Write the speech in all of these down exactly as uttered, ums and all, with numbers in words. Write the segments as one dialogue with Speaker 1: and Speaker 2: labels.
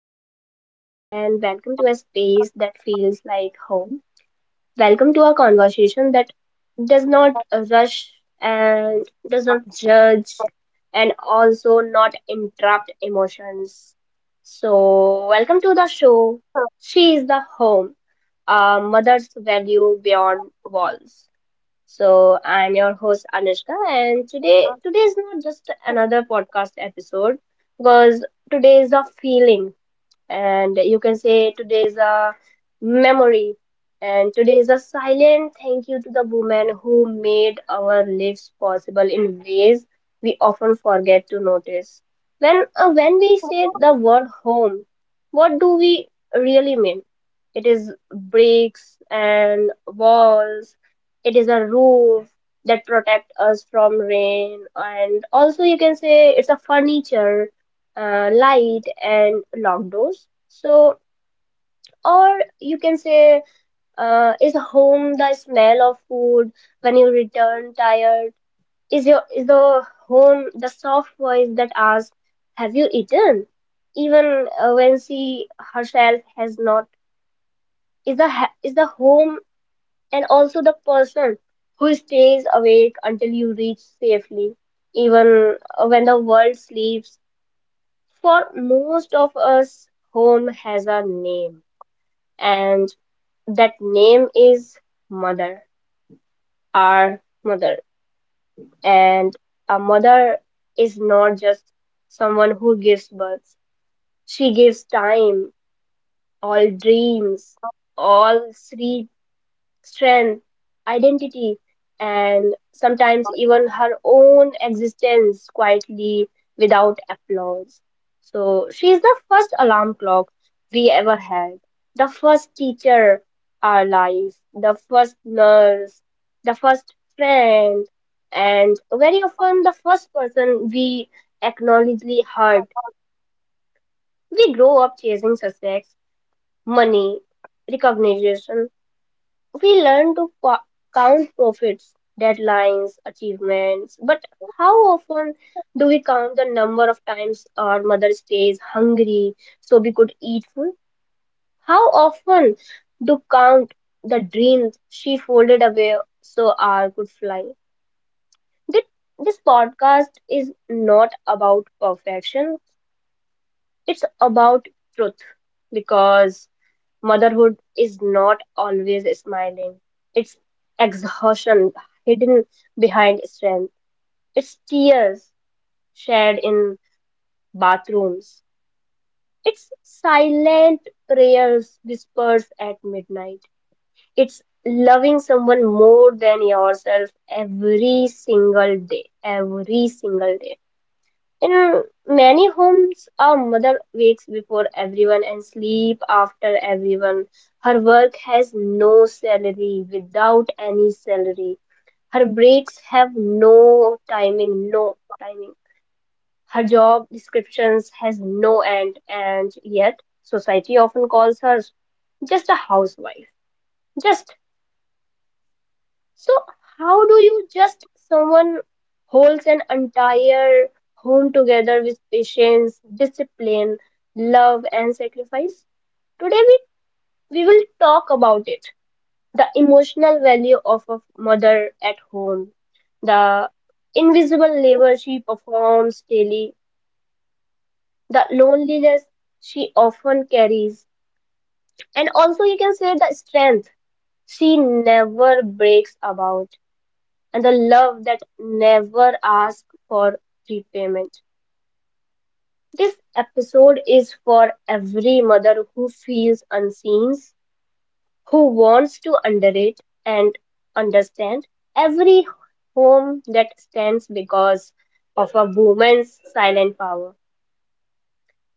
Speaker 1: everyone, and welcome to a space that feels like home. Welcome to a conversation that does not rush and does not judge and also not interrupt emotions. So, welcome to the show. She is the home, a mother's value beyond walls. So I'm your host Anushka, and today today is not just another podcast episode because today is a feeling and you can say today is a memory and today is a silent thank you to the women who made our lives possible in ways we often forget to notice. When uh, when we say the word home, what do we really mean? It is bricks and walls. It is a roof that protect us from rain, and also you can say it's a furniture, uh, light and locked doors. So, or you can say, uh, is home the smell of food when you return tired? Is your is the home the soft voice that asks, "Have you eaten?" Even uh, when she herself has not. Is the ha- is the home and also the person who stays awake until you reach safely, even uh, when the world sleeps? For most of us, home has a name, and that name is mother, our mother. And a mother is not just someone who gives birth, she gives time, all dreams, all sweet strength, identity, and sometimes even her own existence quietly without applause. So she is the first alarm clock we ever had, the first teacher our life, the first nurse, the first friend, and very often the first person we acknowledgely hurt. We grow up chasing success, money, recognition, we learn to co- count profits, deadlines, achievements, but how often do we count the number of times our mother stays hungry so we could eat food? How often do count the dreams she folded away so our could fly? Thi- This podcast is not about perfection, it's about truth, because motherhood is not always smiling. It's exhaustion hidden behind strength. It's tears shared in bathrooms. It's silent prayers whispered at midnight. It's loving someone more than yourself every single day. Every single day. In many homes, a mother wakes before everyone and sleep after everyone. Her work has no salary, without any salary. Her breaks have no timing, no timing. Her job descriptions has no end, and yet society often calls her just a housewife, just. So how do you just someone holds an entire home together with patience, discipline, love and sacrifice? Today we, we will talk about it. The emotional value of a mother at home, the invisible labor she performs daily, the loneliness she often carries, and also you can say the strength she never breaks about, and the love that never asks for repayment. This episode is for every mother who feels unseen, who wants to underrate and understand every home that stands because of a woman's silent power.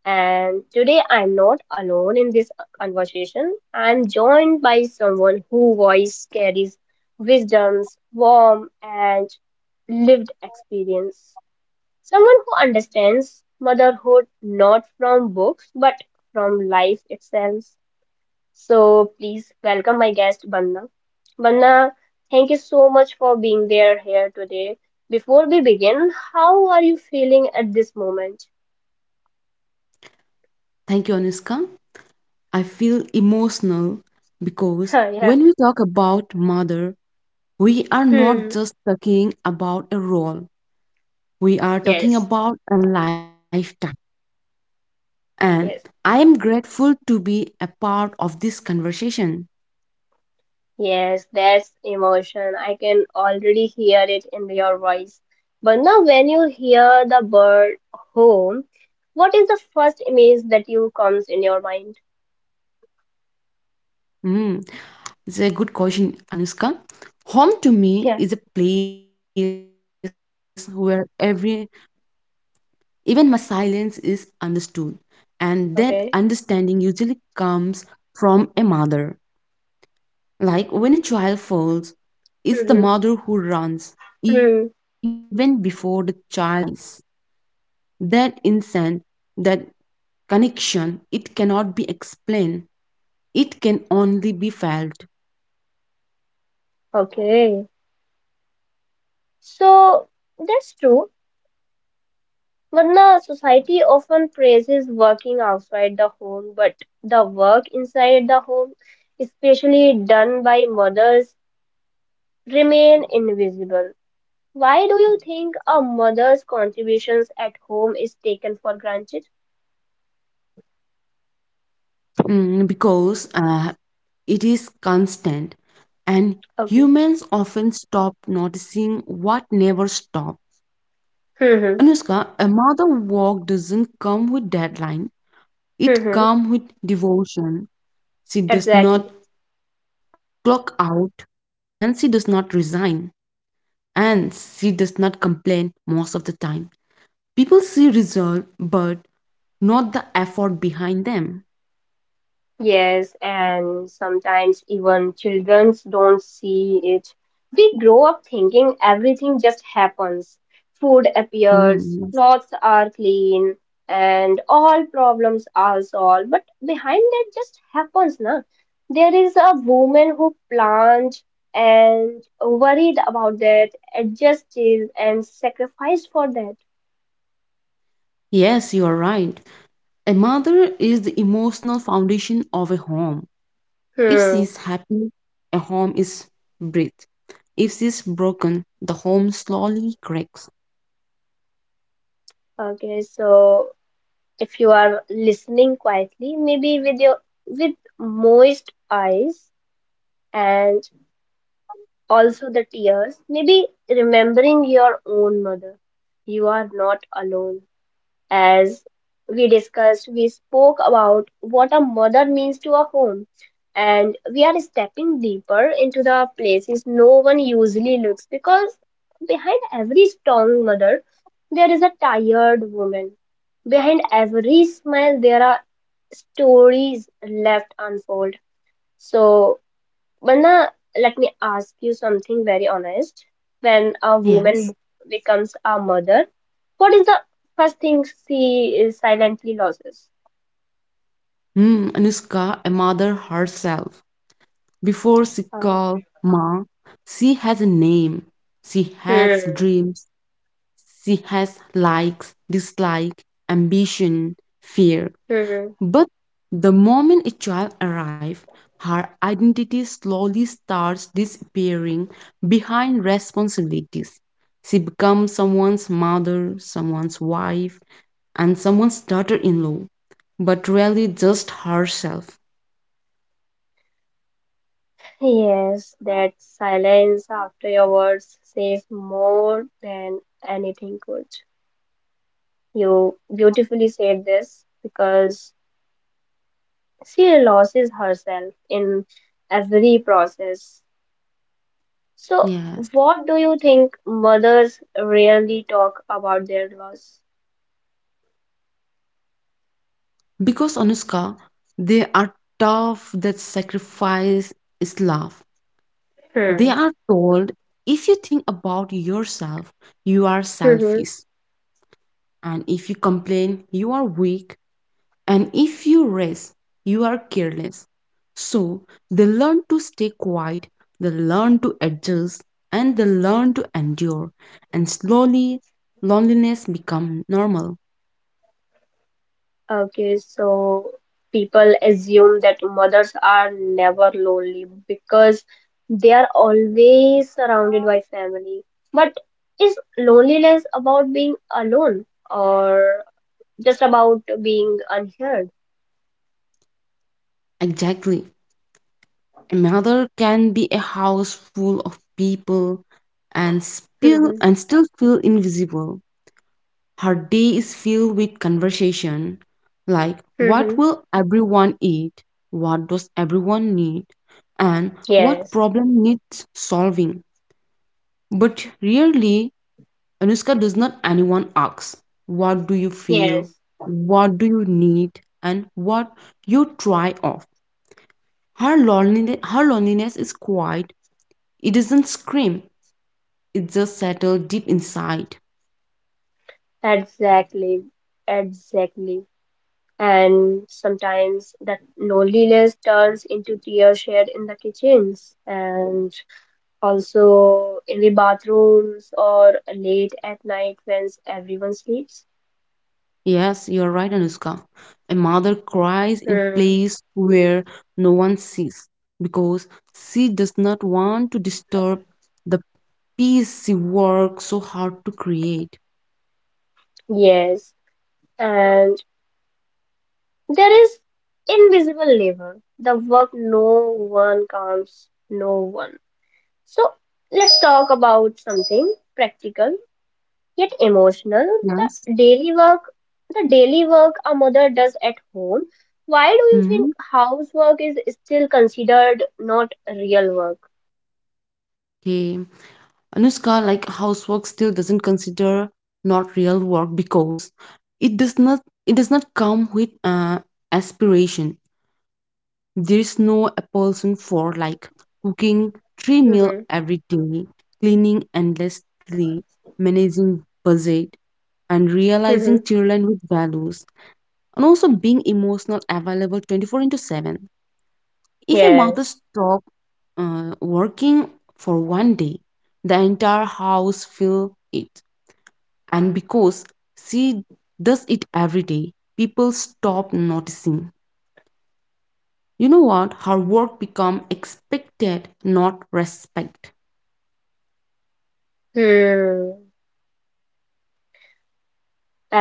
Speaker 1: And today I'm not alone in this conversation. I'm joined by someone whose voice carries wisdoms, warmth, and lived experience. Someone who understands motherhood not from books but from life itself. So please welcome my guest Banna. Banna, thank you so much for being there here today. Before we begin, how are you feeling at this moment?
Speaker 2: Thank you, Anuska. I feel emotional because
Speaker 1: Yeah.
Speaker 2: when we talk about mother, we are not
Speaker 1: Hmm.
Speaker 2: just talking about a role, we are talking
Speaker 1: Yes.
Speaker 2: about a lifetime. And
Speaker 1: Yes.
Speaker 2: I am grateful to be a part of this conversation.
Speaker 1: Yes, that's emotion. I can already hear it in your voice. But now, when you hear the bird home, what is the first image that you comes in your mind?
Speaker 2: Mm, it's a good question, Anuska. Home to me is a
Speaker 1: Yeah.
Speaker 2: place where every when even my silence is understood, and that understanding
Speaker 1: Okay.
Speaker 2: usually comes from a mother. Like when a child falls, it's the mother who
Speaker 1: Mm-hmm.
Speaker 2: runs, even before the
Speaker 1: Mm.
Speaker 2: child cries. That instant, that connection, it cannot be explained. It can only be felt.
Speaker 1: Okay. So that's true. But now, society often praises working outside the home, but the work inside the home, especially done by mothers, remain invisible. Why do you think a mother's contributions at home is taken for granted?
Speaker 2: Mm, because uh, it is constant, and
Speaker 1: Okay.
Speaker 2: humans often stop noticing what never stops.
Speaker 1: Mm-hmm.
Speaker 2: Anushka, a mother walk doesn't come with deadline. It
Speaker 1: Mm-hmm.
Speaker 2: comes with devotion. She does not
Speaker 1: Exactly.
Speaker 2: clock out. Ansi does not resign, and she does not complain most of the time. People see resolve but not the effort behind them.
Speaker 1: Yes, and sometimes even children don't see it. We grow up thinking everything just happens. Food appears,
Speaker 2: Hmm.
Speaker 1: clothes are clean, and all problems are solved. But behind that just happens, na? There is a woman who planned and worried about that, adjusted and sacrificed for that.
Speaker 2: Yes, you are right. A mother is the emotional foundation of a home. If
Speaker 1: Hmm.
Speaker 2: she is happy, a home is breathed. If she is broken, the home slowly cracks.
Speaker 1: Okay, so if you are listening quietly, maybe with your with moist eyes and also the tears, maybe remembering your own mother. You are not alone. As we discussed, we spoke about what a mother means to a home, and we are stepping deeper into the places no one usually looks, because behind every strong mother, there is a tired woman. Behind every smile, there are stories left unfold. So, but now, let me ask you something very honest. When a
Speaker 2: Yes.
Speaker 1: woman becomes a mother, what is the first thing she is silently loses?
Speaker 2: Hmm, Anushka, a mother herself, before she
Speaker 1: Um,
Speaker 2: calls Ma, she has a name. She has
Speaker 1: hmm.
Speaker 2: dreams. She has likes, dislike, ambition, fear.
Speaker 1: Hmm.
Speaker 2: But the moment a child arrives, her identity slowly starts disappearing behind responsibilities. She becomes someone's mother, someone's wife, and someone's daughter in law, but really just herself.
Speaker 1: Yes, that silence after your words says more than anything could. You beautifully said this because she loses herself in every process. So,
Speaker 2: Yes.
Speaker 1: what do you think mothers rarely talk about their loss?
Speaker 2: Because Anushka, they are tough that sacrifice is love. They
Speaker 1: Hmm.
Speaker 2: are told if you think about yourself, you are
Speaker 1: Mm-hmm.
Speaker 2: selfish. And if you complain, you are weak. And if you rest, you are careless. So they learn to stay quiet, they learn to adjust, and they learn to endure. And slowly, loneliness becomes normal.
Speaker 1: Okay, so people assume that mothers are never lonely because they are always surrounded by family. But is loneliness about being alone or just about being unheard?
Speaker 2: Exactly. Another can be a house full of people and still
Speaker 1: Mm-hmm.
Speaker 2: and still feel invisible. Her day is filled with conversation like what
Speaker 1: Mm-hmm.
Speaker 2: will everyone eat? What does everyone need? And what
Speaker 1: Yes,
Speaker 2: problem needs solving? But really, Anushka does not anyone asks what do you
Speaker 1: yes,
Speaker 2: feel? What do you need? And what you try off. Her loneliness, her loneliness is quiet. It doesn't scream, it just settles deep inside.
Speaker 1: exactly, exactly. And sometimes that loneliness turns into tears shared in the kitchens and also in the bathrooms or late at night when everyone sleeps.
Speaker 2: Yes, you're right, Anushka. A mother cries in
Speaker 1: Hmm.
Speaker 2: place where no one sees because she does not want to disturb the peace she worked so hard to create.
Speaker 1: Yes, and there is invisible labor, the work no one counts, no one. So let's talk about something practical yet emotional,
Speaker 2: Yes.
Speaker 1: the daily work the daily work a mother does at home. Why do you think
Speaker 2: Hmm.
Speaker 1: housework is still considered not real work?
Speaker 2: Okay. Anushka, like housework still doesn't consider not real work because it does not it does not come with uh, aspiration. There's no a person for like cooking three meal
Speaker 1: Hmm.
Speaker 2: every day, cleaning endlessly, managing budget, and realizing
Speaker 1: Hmm.
Speaker 2: children with values, and also being emotional available twenty four into seven. If a mother
Speaker 1: Yes.
Speaker 2: stop uh, working for one day, the entire house feel it, and because she does it every day, people stop noticing. You know what? Her work become expected, not respect.
Speaker 1: Hmm.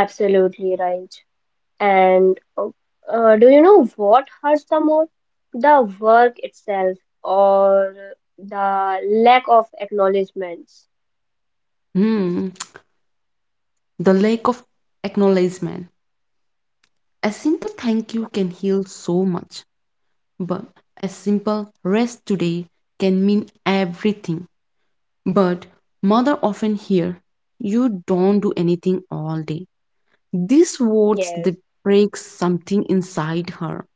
Speaker 1: Absolutely right. And uh, uh, do you know what hurts the more, the work itself or the lack of acknowledgments?
Speaker 2: Hmm. The lack of acknowledgement. A simple thank you can heal so much, but a simple rest today can mean everything. But mother often hear, you don't do anything all day. These words
Speaker 1: Yes.
Speaker 2: they break something inside her.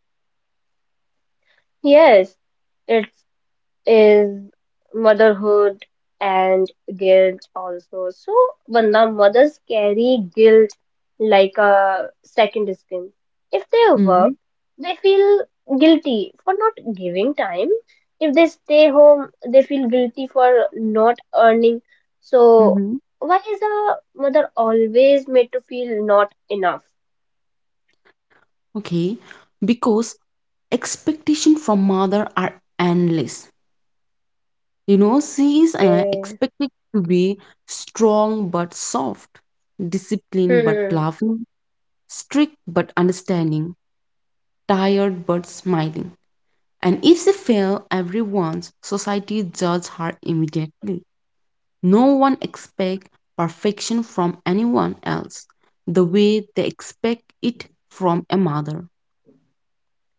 Speaker 1: Yes. It's is motherhood and guilt also. So, Banda, mothers carry guilt like a second skin. If they work,
Speaker 2: Hmm.
Speaker 1: they feel guilty for not giving time. If they stay home, they feel guilty for not earning. So,
Speaker 2: Mm-hmm.
Speaker 1: why is a mother always made to feel not enough?
Speaker 2: Okay. Because expectation from mother are endless. You know, she is uh,
Speaker 1: Okay.
Speaker 2: expected to be strong but soft, disciplined but
Speaker 1: Hmm.
Speaker 2: loving, strict but understanding, tired but smiling. And if she fails every once, society judges her immediately. No one expects perfection from anyone else the way they expect it from a mother.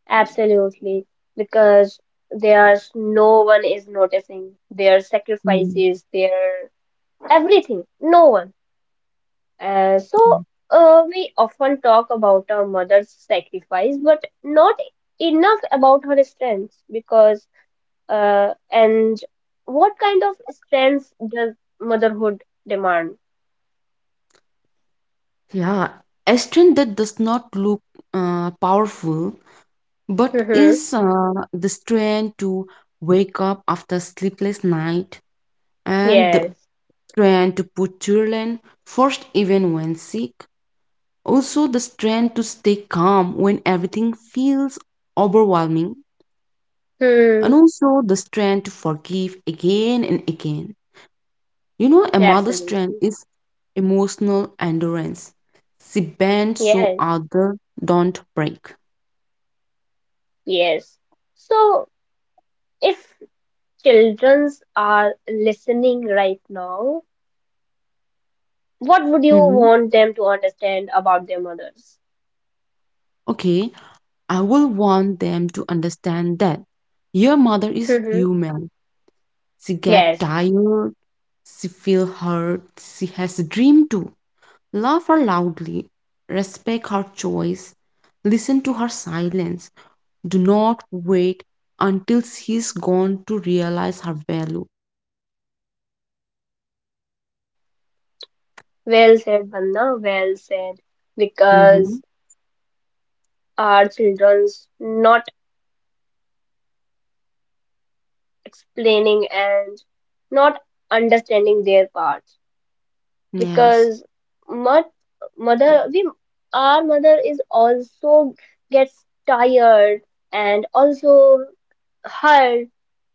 Speaker 1: Absolutely, because there's no one is noticing their
Speaker 2: Mhm.
Speaker 1: sacrifices, their everything, no one. Uh, so uh, we often talk about our mother's sacrifice, but not enough about her strength, because uh, and what kind of strength does motherhood demand?
Speaker 2: Yeah, a strength that does not look uh, powerful. But
Speaker 1: Mm-hmm.
Speaker 2: is uh, the strength to wake up after sleepless night and the
Speaker 1: Yes.
Speaker 2: strength to put children first even when sick? Also the strength to stay calm when everything feels overwhelming and
Speaker 1: Hmm.
Speaker 2: also the strength to forgive again and again. You know, a mother's strength
Speaker 1: Absolutely.
Speaker 2: is emotional endurance. She bends so
Speaker 1: Yes.
Speaker 2: other don't break.
Speaker 1: Yes. So if childrens are listening right now, what would you
Speaker 2: Mhm.
Speaker 1: want them to understand about their mothers?
Speaker 2: Okay, I will want them to understand that your mother is
Speaker 1: Hmm.
Speaker 2: human. She get
Speaker 1: Yes,
Speaker 2: tired, she feel hurt, she has a dream too. Love her loudly, respect her choice, listen to her silence. Do not wait until she's gone to realize her value.
Speaker 1: well said, Bandha, well said.
Speaker 2: Mm-hmm.
Speaker 1: Because our children's not explaining and not understanding their part.
Speaker 2: Yes.
Speaker 1: Because mot- mother, we, our mother is also gets tired and also hurt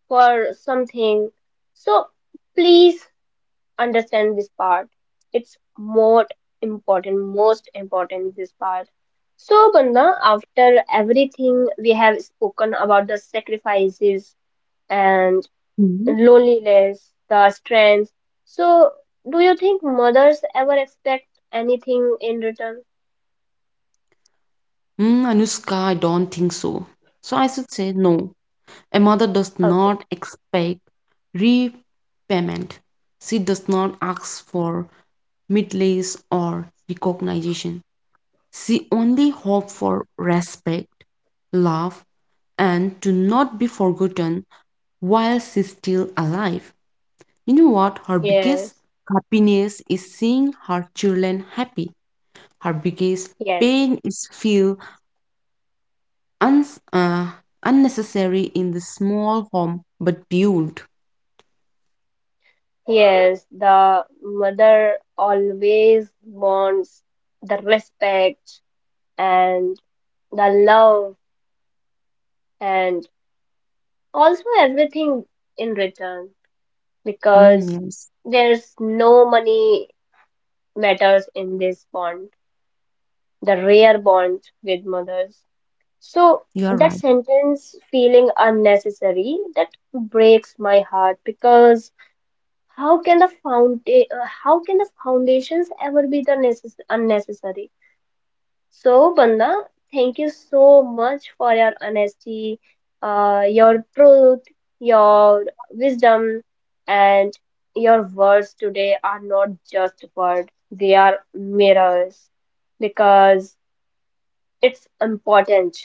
Speaker 1: for something. So please understand this part. It's more important, most important this part. So Bandha, after everything we have spoken about the sacrifices and
Speaker 2: Mhm.
Speaker 1: loneliness, the strength. So do you think mothers ever expect anything in return?
Speaker 2: Mm, Anushka, I don't think so. So I should say no. A mother does
Speaker 1: Okay.
Speaker 2: not expect repayment. She does not ask for medals or recognition. She only hopes for respect, love, and to not be forgotten while she's still alive. You know what? Her biggest
Speaker 1: Yes.
Speaker 2: happiness is seeing her children happy. Her biggest
Speaker 1: Yes.
Speaker 2: pain is feel un- uh, unnecessary in the small home but built.
Speaker 1: Yes, the mother always wants the respect, and the love and also everything in return,
Speaker 2: Mm,
Speaker 1: because
Speaker 2: yes,
Speaker 1: there's no money matters in this bond, the rare bond with mothers. So
Speaker 2: you are
Speaker 1: that
Speaker 2: right.
Speaker 1: sentence, feeling unnecessary, that breaks my heart because how can the found how can the foundations ever be the necess- unnecessary? So, Banda, thank you so much for your honesty, uh, your truth, your wisdom, and your words today are not just words, they are mirrors, because it's important.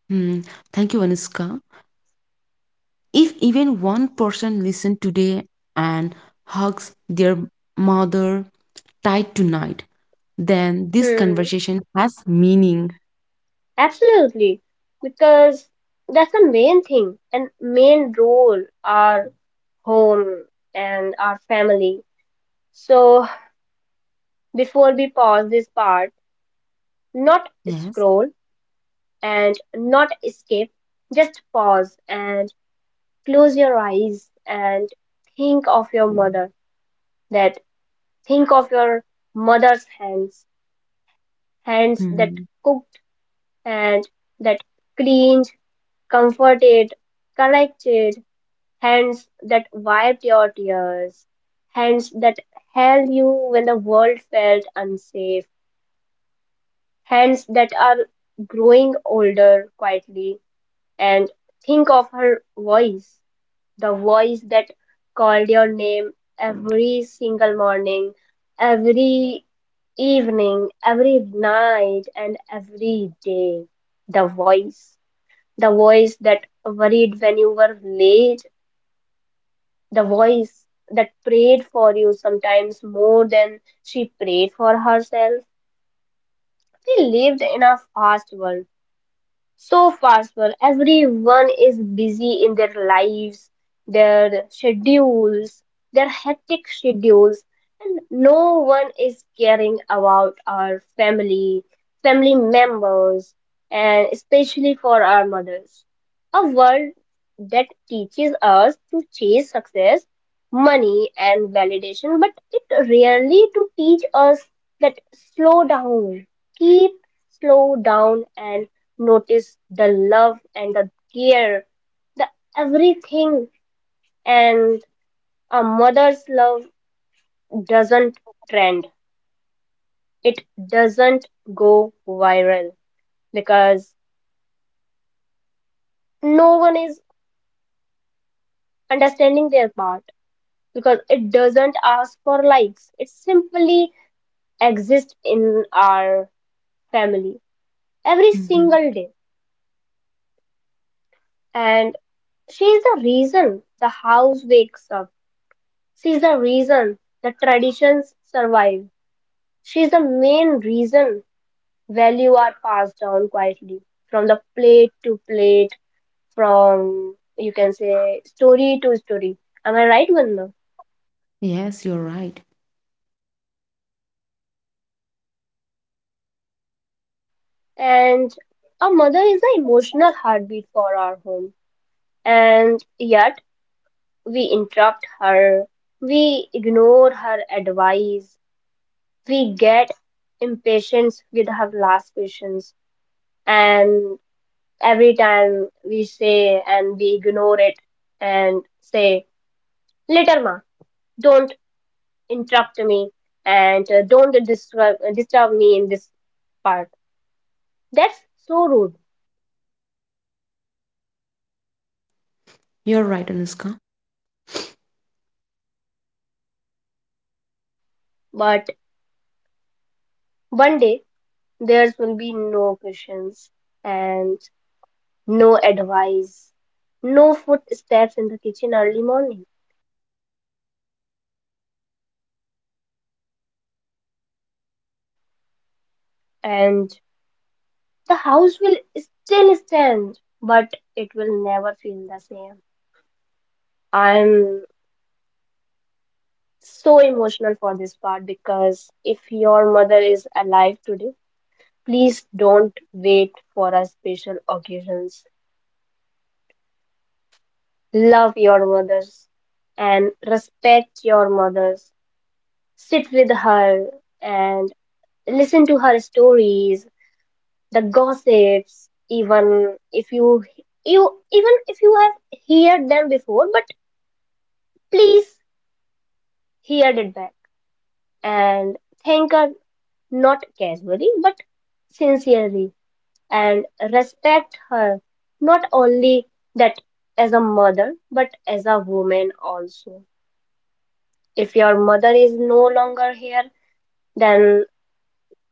Speaker 2: Mm, Thank you, Anushka. If even one person listen today and hugs their mother tight tonight, then this
Speaker 1: Hmm,
Speaker 2: conversation has meaning.
Speaker 1: absolutely, because that's the main thing and main role, our home and our family. So, before we pause this part, not
Speaker 2: Yes.
Speaker 1: scroll and not escape. Just pause and close your eyes and think of your mother. That think of your mother's hands, hands that
Speaker 2: Hmm.
Speaker 1: cooked and that cleaned, comforted, corrected, hands that wiped your tears, hands that held you when the world felt unsafe, hands that are growing older quietly, and think of her voice, the voice that called your name every single morning, every evening, every night, and every day. The voice, the voice that worried when you were late, the voice that prayed for you sometimes more than she prayed for herself. We lived in a fast world, so fast, well, everyone is busy in their lives, their schedules, their hectic schedules, and no one is caring about our family family members, and especially for our mothers, a world that teaches us to chase success, money, and validation, but it rarely to teach us that slow down, keep slow down and notice the love and the care, the everything. And a mother's love doesn't trend. It doesn't go viral, because no one is understanding their part, because it doesn't ask for likes. It simply exist in our family every
Speaker 2: Hmm.
Speaker 1: single day. And she is the reason the house wakes up. She is the reason the traditions survive. She is the main reason value are passed down quietly from the plate to plate, from you can say story to story. Am I right, Vandana?
Speaker 2: Yes, you're right.
Speaker 1: And our mother is the emotional heartbeat for our home. And yet we interrupt her, we ignore her advice, we get impatient with her last patience, and every time we say and we ignore it and say, "Later, ma, don't interrupt me and uh, don't disturb, disturb me in this part." That's so rude,
Speaker 2: You're right, Anushka.
Speaker 1: but one day there will be no questions and no advice, no footsteps in the kitchen early morning. And the house will still stand, but it will never feel the same. I'm so emotional for this part because if your mother is alive today, please don't wait for a special occasions. Love your mothers and respect your mothers. Sit with her and listen to her stories, the gossips, even if you you even if you have heard them before, but please hear it back and thank her, not casually but sincerely, and respect her, not only that as a mother but as a woman also. If your mother is no longer here, then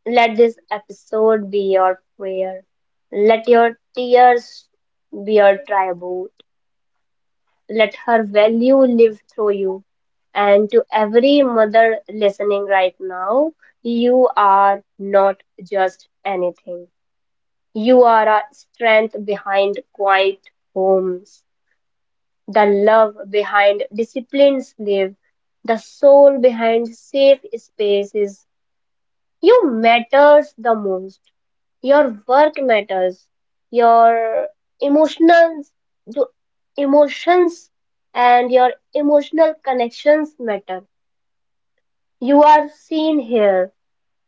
Speaker 1: let this episode be your prayer, let your tears be your tribute. Let her value live through you. And to every mother listening right now, you are not just anything. You are a strength behind quiet homes, the love behind disciplined sleep, the soul behind safe spaces, you matters the most. Your work matters. Your emotions, the emotions, and your emotional connections matter. You are seen here,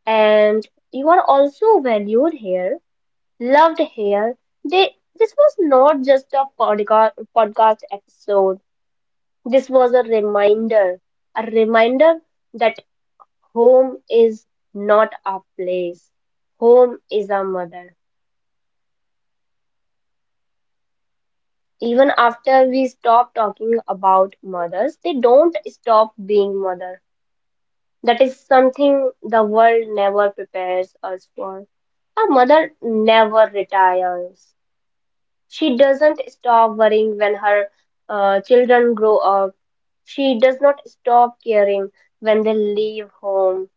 Speaker 1: and you are also valued here, loved here. They, this was not just a podcast, podcast episode. This was a reminder, a reminder that home is not a place. Home is our mother. Even after we stop talking about mothers, they don't stop being mother. That is something the world never prepares us for. A mother never retires. She doesn't stop worrying when her uh, children grow up. She does not stop caring when they leave home.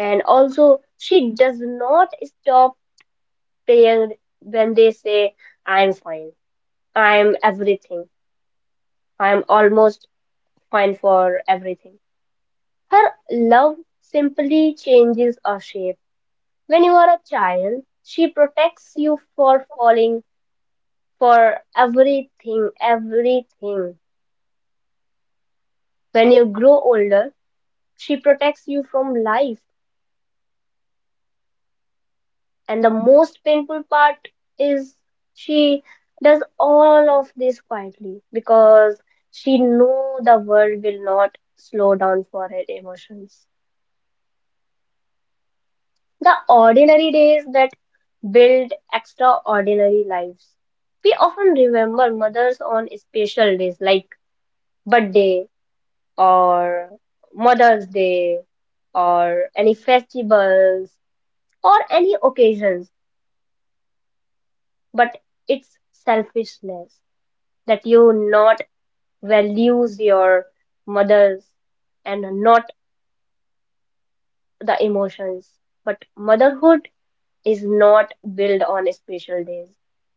Speaker 1: And also, she does not stop playing when they say, I'm fine, I'm everything, I'm almost fine for everything. Her love simply changes a shape. When you are a child, she protects you for falling for everything, everything. When you grow older, she protects you from life. And the most painful part is she does all of this quietly because she knew the world will not slow down for her emotions. The ordinary days that build extraordinary lives. We often remember mothers on special days like birthday or Mother's Day or any festivals or any occasions, but it's selfishness that you not values your mothers and not the emotions. But motherhood is not built on special days.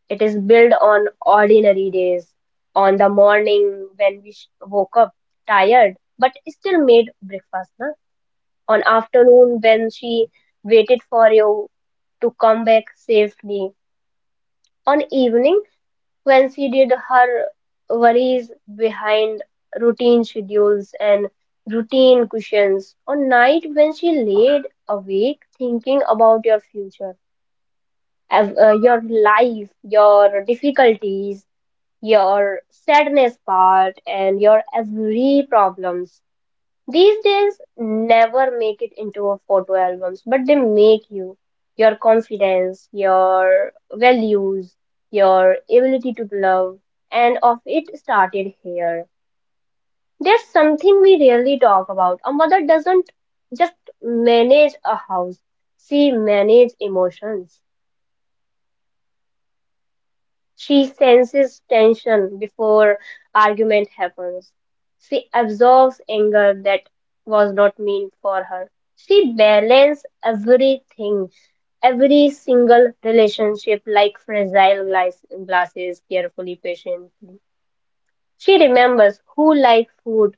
Speaker 1: It is built on ordinary days, on the morning when we sh- woke up tired but still made breakfast, na? On afternoon when she waited for you to come back safely, on evening when she did, her worries behind routine schedules and routine cushions. On night when she laid awake thinking about your future, av- uh, your life, your difficulties, your sadness part, and your every problems. These days never make it into a photo albums, but they make you, your confidence, your values, your ability to love, and of it started here. There's something we rarely talk about. A mother doesn't just manage a house, she manages emotions. She senses tension before argument happens. She absorbs anger that was not meant for her. She balances everything, every single relationship like fragile glass- glasses carefully, patiently. She remembers who like food,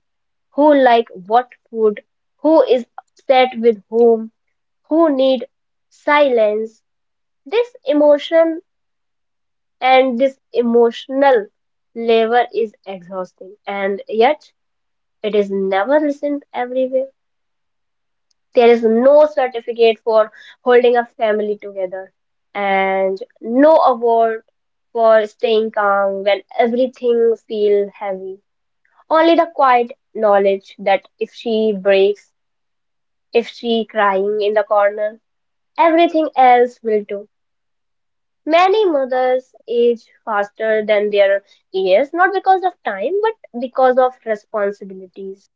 Speaker 1: who like what food, who is upset with whom, who need silence. This emotion and this emotional labor is exhausting, and yet it is never listened everywhere. There is no certificate for holding a family together, and no award for staying calm when everything feels heavy, only the quiet knowledge that if she breaks, if she crying in the corner, everything else will do. Many mothers age faster than their years, not because of time, but because of responsibilities.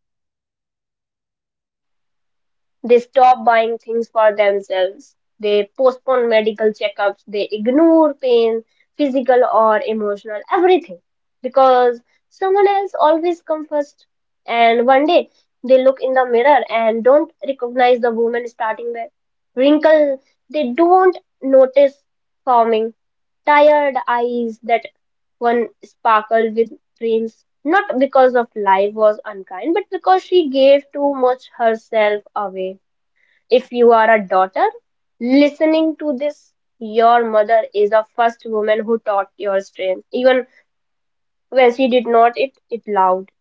Speaker 1: They stop buying things for themselves. They postpone medical checkups. They ignore pain, physical or emotional, everything. Because someone else always comes first. And one day they look in the mirror and don't recognize the woman starting back. Wrinkle. They don't notice forming tired eyes that one sparkled with dreams, not because of life was unkind, but because she gave too much herself away. If you are a daughter listening to this, your mother is the first woman who taught your strength. Even when she did not it it loud.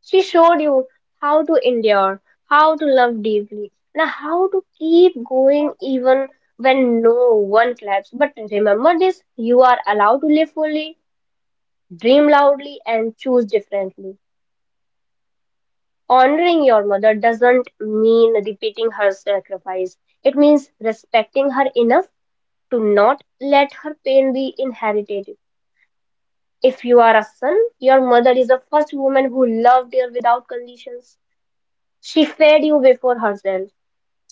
Speaker 1: She showed you how to endure, how to love deeply, and how to keep going even when no one claps. But remember this, you are allowed to live fully, dream loudly, and choose differently. Honoring your mother doesn't mean repeating her sacrifice. It means respecting her enough to not let her pain be inherited. If you are a son, your mother is the first woman who loved you without conditions. She fed you before herself.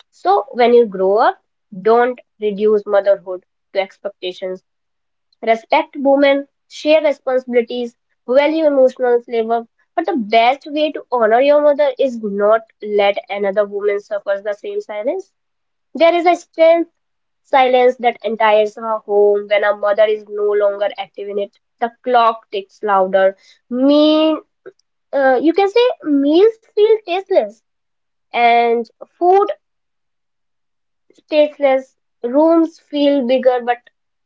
Speaker 1: So when you grow up, don't reduce motherhood to expectations. Respect women, share responsibilities, value emotional labor. But the best way to honor your mother is not let another woman suffer the same silence. There is a strength silence that entires her home when a mother is no longer active in it. The clock ticks louder. Mean, uh, you can say meals feel tasteless and food stateless, rooms feel bigger but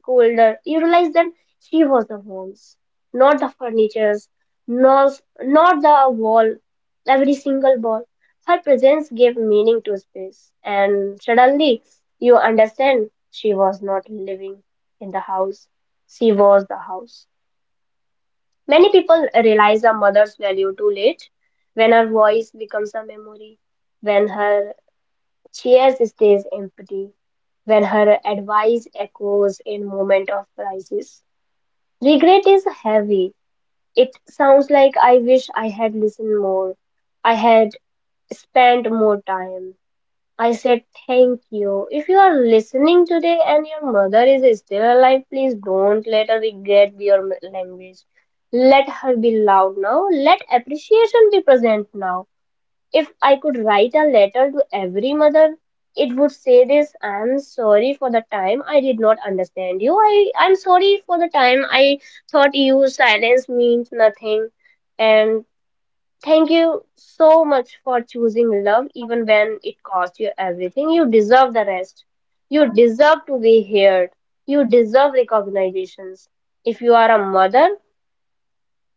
Speaker 1: colder. You realize that she was the homes, not the furnitures, not, not the wall, every single wall. Her presence gave meaning to space, and suddenly you understand she was not living in the house, she was the house. Many people realize a mother's value too late, when her voice becomes a memory, when her cheers stays empty, when her advice echoes in moment of crisis. Regret is heavy. It sounds like I wish I had listened more. I had spent more time. I said thank you. If you are listening today and your mother is still alive, please don't let her regret be your language. Let her be loud now. Let appreciation be present now. If I could write a letter to every mother, it would say this: I'm sorry for the time I did not understand you. I, I'm sorry for the time I thought you silence means nothing. And thank you so much for choosing love, even when it cost you everything. You deserve the rest. You deserve to be heard. You deserve recognitions. If you are a mother,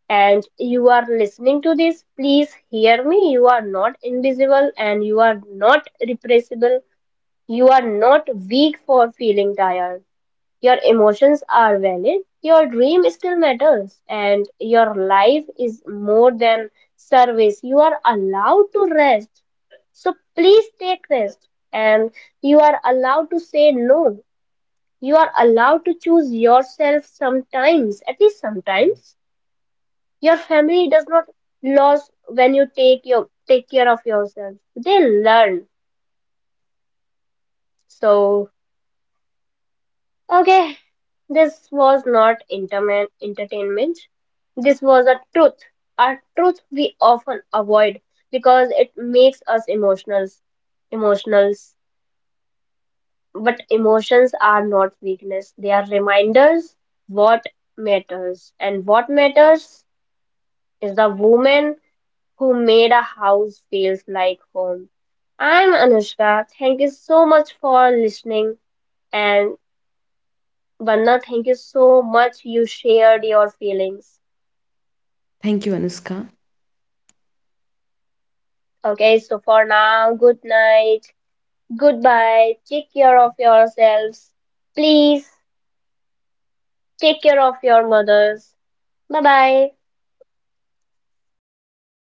Speaker 1: and you are listening to this, please hear me. You are not invisible and you are not repressible. You are not weak for feeling tired. Your emotions are valid. Your dream still matters and your life is more than service. You are allowed to rest. So please take rest, and you are allowed to say no. You are allowed to choose yourself sometimes, at least sometimes your family does not lose when you take your take care of yourself. They learn. So okay, this was not interman entertainment. This was a truth. A truth we often avoid because it makes us emotional. Emotionals. But emotions are not weakness. They are reminders what matters. And what matters is the woman who made a house feels like home. I'm Anushka. Thank you so much for listening. And Vanna, thank you so much. You shared your feelings.
Speaker 2: Thank you, Anushka.
Speaker 1: Okay, so for now, good night. Goodbye. Take care of yourselves. Please take care of your mothers. Bye bye.
Speaker 2: Bye, everyone.